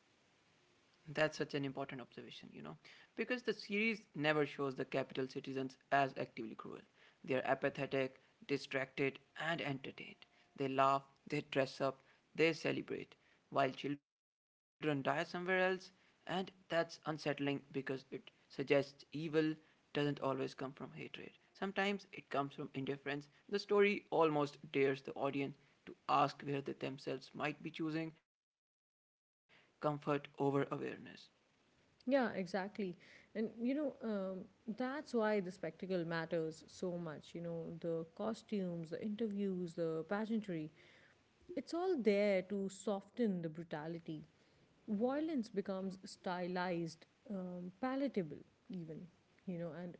[SPEAKER 2] That's such an important observation, you know, because the series never shows the capital citizens as actively cruel. They are apathetic, distracted, and entertained. They laugh, they dress up, they celebrate, while children die somewhere else, and that's unsettling because it suggests evil doesn't always come from hatred. Sometimes it comes from indifference. The story almost dares the audience to ask where they themselves might be choosing comfort over awareness.
[SPEAKER 1] Yeah, exactly. And you know, um, that's why the spectacle matters so much. You know, the costumes, the interviews, the pageantry. It's all there to soften the brutality. Violence becomes stylized, um, palatable, even, you know, and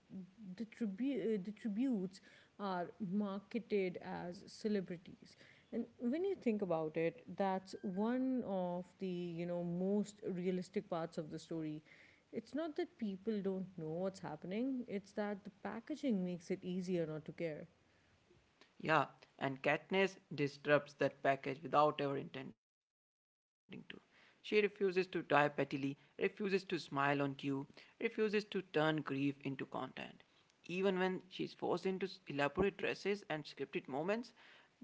[SPEAKER 1] the, tribu- uh, the tributes are marketed as celebrities. And when you think about it, that's one of the, you know, most realistic parts of the story. It's not that people don't know what's happening, it's that the packaging makes it easier not to care.
[SPEAKER 2] Yeah, and Katniss disrupts that package without ever intending to. She refuses to die pettily, refuses to smile on cue, refuses to turn grief into content. Even when she's forced into s- elaborate dresses and scripted moments,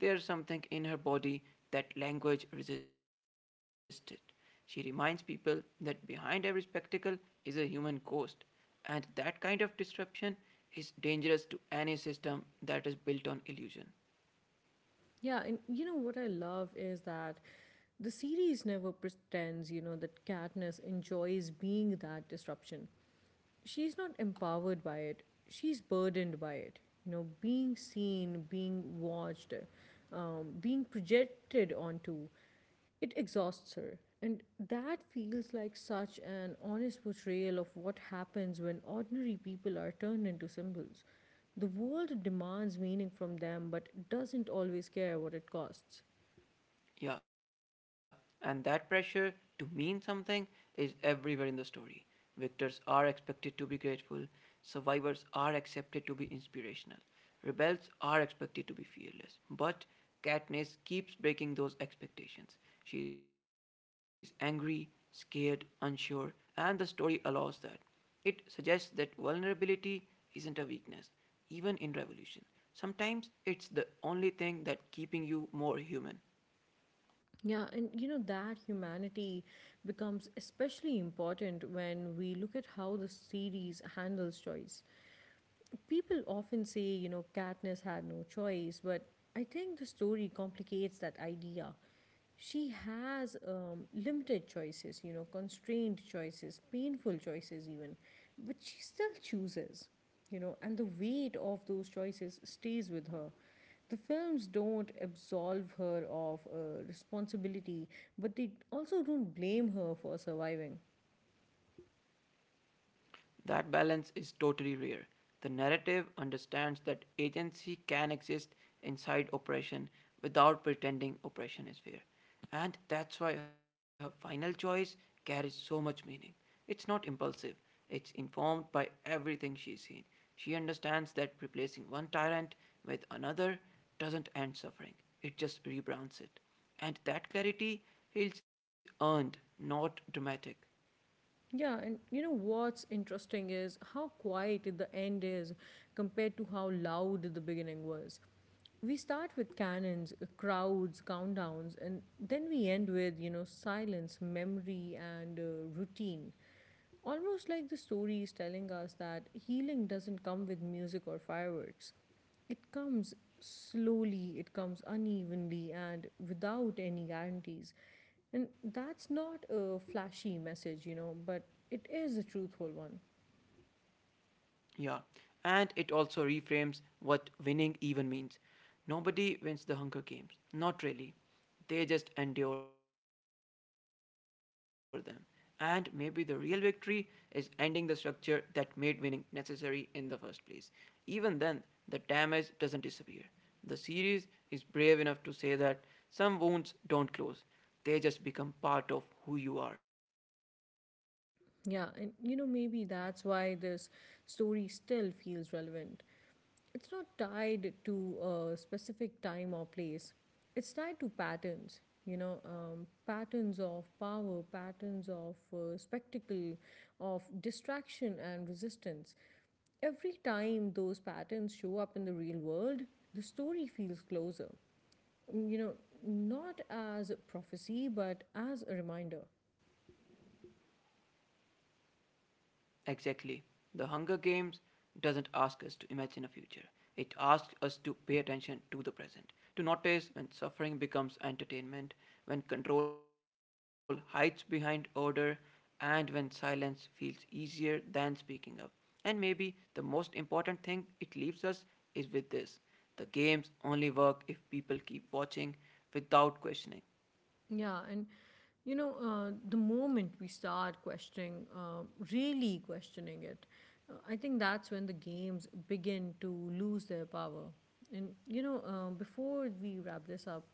[SPEAKER 2] there's something in her body that language resisted. She reminds people that behind every spectacle is a human ghost, and that kind of disruption is dangerous to any system that is built on illusion.
[SPEAKER 1] Yeah, and you know what I love is that the series never pretends, you know, that Katniss enjoys being that disruption. She's not empowered by it. She's burdened by it you know being seen, being watched, um, being projected onto. It exhausts her, and that feels like such an honest portrayal of what happens when ordinary people are turned into symbols. The world demands meaning from them, but doesn't always care what it costs.
[SPEAKER 2] Yeah, and that pressure to mean something is everywhere in the story. Victors are expected to be grateful, survivors are accepted to be inspirational, rebels are expected to be fearless. But Katniss keeps breaking those expectations. She's angry, scared, unsure, and the story allows that. It suggests that vulnerability isn't a weakness, even in revolution. Sometimes it's the only thing that keeping you more human.
[SPEAKER 1] Yeah, and you know that humanity becomes especially important when we look at how the series handles choice. People often say, you know, Katniss had no choice, but I think the story complicates that idea. She has um, limited choices, you know, constrained choices, painful choices, even, but she still chooses, you know, and the weight of those choices stays with her. The films don't absolve her of uh, responsibility, but they also don't blame her for surviving.
[SPEAKER 2] That balance is totally rare. The narrative understands that agency can exist inside oppression without pretending oppression is fair. And that's why her final choice carries so much meaning. It's not impulsive, it's informed by everything she's seen. She understands that replacing one tyrant with another doesn't end suffering, it just rebrands it. And that clarity feels earned, not dramatic.
[SPEAKER 1] Yeah, and you know what's interesting is how quiet the end is compared to how loud the beginning was. We start with cannons, uh, crowds, countdowns, and then we end with, you know, silence, memory, and uh, routine. Almost like the story is telling us that healing doesn't come with music or fireworks. It comes slowly, it comes unevenly, and without any guarantees. And that's not a flashy message, you know, but it is a truthful one.
[SPEAKER 2] Yeah, and it also reframes what winning even means. Nobody wins the Hunger Games, not really. They just endure them. And maybe the real victory is ending the structure that made winning necessary in the first place. Even then, the damage doesn't disappear. The series is brave enough to say that some wounds don't close, they just become part of who you are.
[SPEAKER 1] Yeah, and you know, maybe that's why this story still feels relevant. It's not tied to a specific time or place, it's tied to patterns, you know, um, patterns of power, patterns of uh, spectacle, of distraction and resistance. Every time those patterns show up in the real world, the story feels closer, you know, not as a prophecy, but as a reminder.
[SPEAKER 2] Exactly. The Hunger Games doesn't ask us to imagine a future. It asks us to pay attention to the present, to notice when suffering becomes entertainment, when control hides behind order, and when silence feels easier than speaking up. And maybe the most important thing it leaves us is with this: the games only work if people keep watching without
[SPEAKER 1] Yeah,
[SPEAKER 2] questioning.
[SPEAKER 1] and you know, uh, the moment we start questioning, uh, really questioning it, uh, I think that's when the games begin to lose their power. And you know, um, before we wrap this up,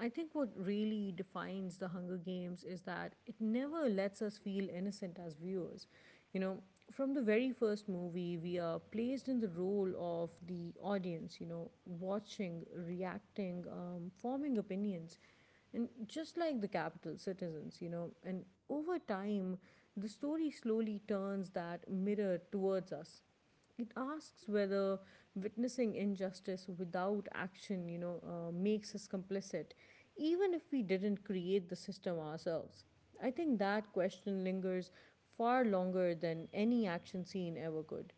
[SPEAKER 1] I think what really defines the Hunger Games is that it never lets us feel innocent as viewers. You know, from the very first movie, we are placed in the role of the audience, you know, watching, reacting, um, forming opinions. And just like the capital, citizens, you know, and over time, the story slowly turns that mirror towards us. It asks whether witnessing injustice without action, you know, uh, makes us complicit, even if we didn't create the system ourselves. I think that question lingers far longer than any action scene ever could.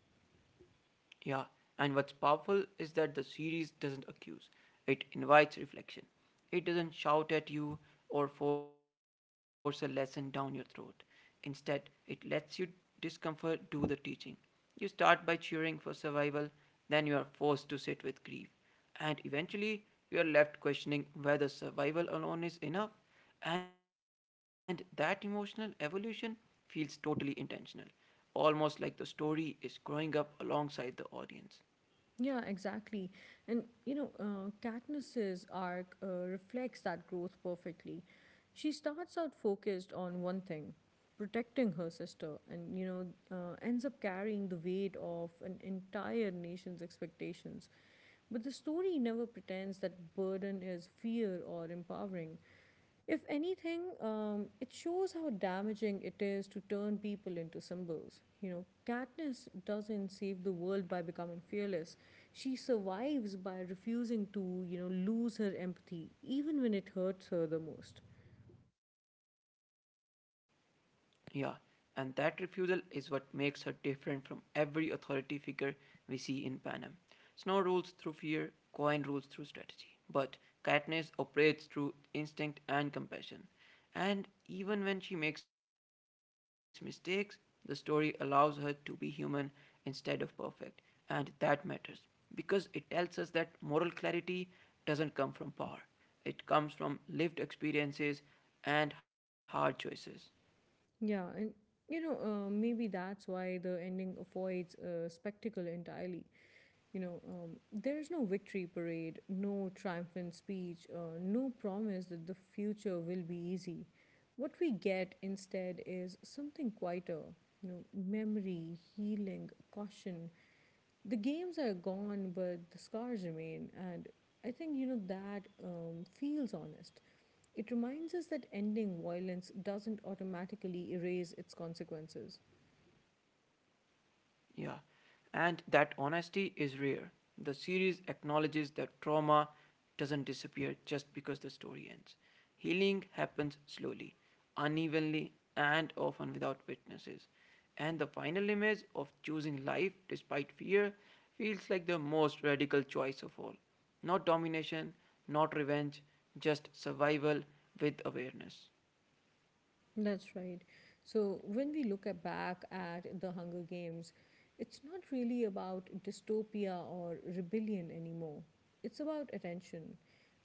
[SPEAKER 2] Yeah, and what's powerful is that the series doesn't accuse, it invites reflection. It doesn't shout at you or force a lesson down your throat. Instead, it lets you discomfort do the teaching. You start by cheering for survival, then you are forced to sit with grief, and eventually you are left questioning whether survival alone is enough. And that emotional evolution feels totally intentional, almost like the story is growing up alongside the audience.
[SPEAKER 1] Yeah, exactly. And you know, uh, Katniss's arc uh, reflects that growth perfectly. She starts out focused on one thing, protecting her sister, and you know, uh, ends up carrying the weight of an entire nation's expectations. But the story never pretends that burden is fear or empowering. If anything, um, it shows how damaging it is to turn people into symbols. You know, Katniss doesn't save the world by becoming fearless. She survives by refusing to, you know, lose her empathy, even when it hurts her the most.
[SPEAKER 2] Yeah, and that refusal is what makes her different from every authority figure we see in Panem. Snow rules through fear, Coin rules through strategy, but Katniss operates through instinct and compassion. And even when she makes mistakes, the story allows her to be human instead of perfect. And that matters because it tells us that moral clarity doesn't come from power, it comes from lived experiences and hard choices.
[SPEAKER 1] Yeah, and you know, uh, maybe that's why the ending avoids uh, spectacle entirely. You know, um, there's no victory parade, no triumphant speech, uh, no promise that the future will be easy. What we get instead is something quieter, you know, memory, healing, caution. The games are gone, but the scars remain. And I think, you know, that um, feels honest. It reminds us that ending violence doesn't automatically erase its consequences.
[SPEAKER 2] Yeah, and that honesty is rare. The series acknowledges that trauma doesn't disappear just because the story ends. Healing happens slowly, unevenly, and often without witnesses. And the final image of choosing life despite fear feels like the most radical choice of all. Not domination, not revenge, just survival with awareness.
[SPEAKER 1] That's right. So when we look at back at the Hunger Games, it's not really about dystopia or rebellion anymore. It's about attention,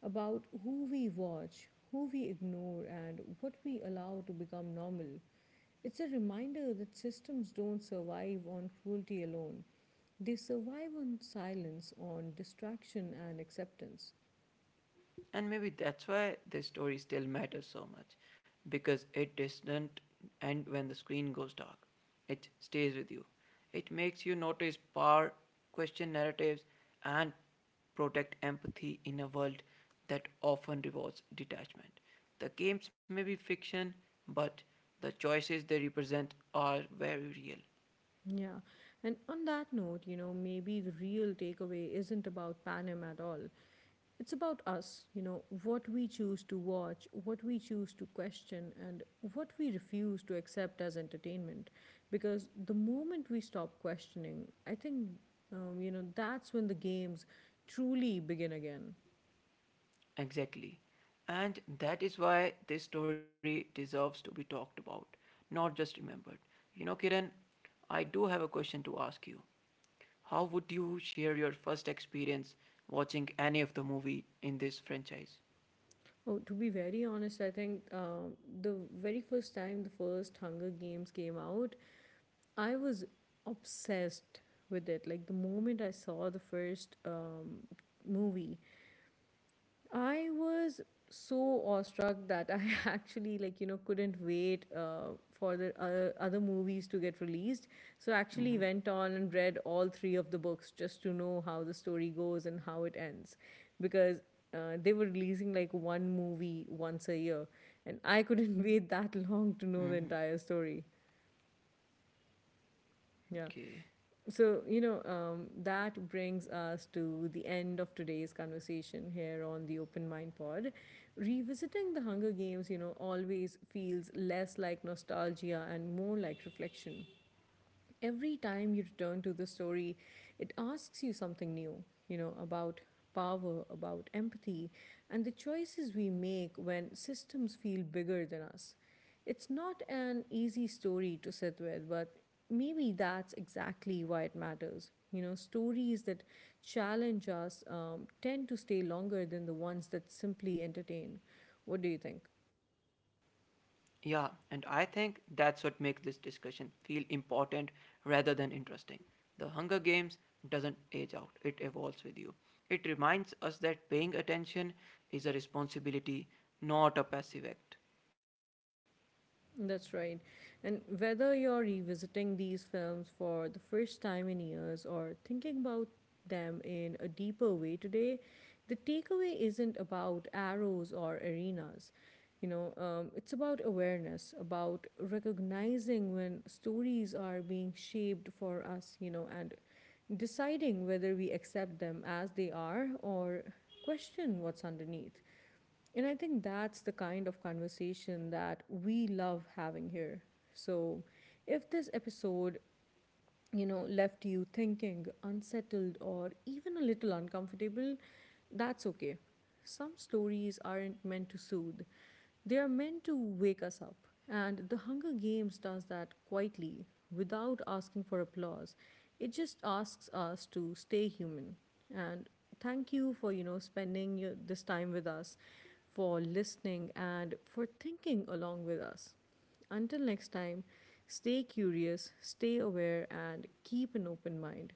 [SPEAKER 1] about who we watch, who we ignore, and what we allow to become normal. It's a reminder that systems don't survive on cruelty alone. They survive on silence, on distraction, and acceptance.
[SPEAKER 2] And maybe that's why this story still matters so much, because it doesn't end when the screen goes dark. It stays with you. It makes you notice power, question narratives, and protect empathy in a world that often rewards detachment. The games may be fiction, but the choices they represent are very real.
[SPEAKER 1] Yeah. And on that note, you know, maybe the real takeaway isn't about Panem at all. It's about us, you know, what we choose to watch, what we choose to question, and what we refuse to accept as entertainment. Because the moment we stop questioning, I think, um, you know, that's when the games truly begin again.
[SPEAKER 2] Exactly. And that is why this story deserves to be talked about, not just remembered. You know, Kiran, I do have a question to ask you. How would you share your first experience watching any of the movie in this franchise?
[SPEAKER 1] Oh, to be very honest, I think um, the very first time the first Hunger Games came out, I was obsessed with it. Like the moment I saw the first um, movie, I was so awestruck that I actually, like, you know couldn't wait uh, for the uh, other movies to get released.
[SPEAKER 2] Mm-hmm.
[SPEAKER 1] So I actually went on and read all three of the books just to know how the story goes and how it ends, because. Uh, they were releasing like one movie once a year, and I couldn't
[SPEAKER 2] Mm-hmm.
[SPEAKER 1] wait that long to know the entire story.
[SPEAKER 2] Okay.
[SPEAKER 1] Yeah. So, you know, um, that brings us to the end of today's conversation here on the Open Mind Pod. Revisiting the Hunger Games, you know, always feels less like nostalgia and more like reflection. Every time you return to the story, it asks you something new, you know, about power, about empathy, and the choices we make when systems feel bigger than us. It's not an easy story to sit with, but maybe that's exactly why it matters. You know, stories that challenge us um, tend to stay longer than the ones that simply entertain. What do you think?
[SPEAKER 2] Yeah, and I think that's what makes this discussion feel important rather than interesting. The Hunger Games doesn't age out, it evolves with you. It reminds us that paying attention is a responsibility, not a passive act.
[SPEAKER 1] That's right. And whether you're revisiting these films for the first time in years or thinking about them in a deeper way today, the takeaway isn't about arrows or arenas. You know, um, it's about awareness, about recognizing when stories are being shaped for us, you know, and deciding whether we accept them as they are or question what's underneath. And I think that's the kind of conversation that we love having here. So, if this episode, you know, left you thinking, unsettled, or even a little uncomfortable, that's okay. Some stories aren't meant to soothe, they are meant to wake us up. And The Hunger Games does that quietly, without asking for applause. It just asks us to stay human. And thank you for, you know, spending your, this time with us, for listening, and for thinking along with us. Until next time, stay curious, stay aware, and keep an open mind.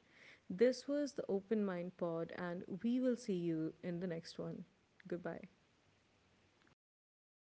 [SPEAKER 1] This was the Open Mind Pod, and we will see you in the next one. Goodbye.
[SPEAKER 2] Goodbye, everyone.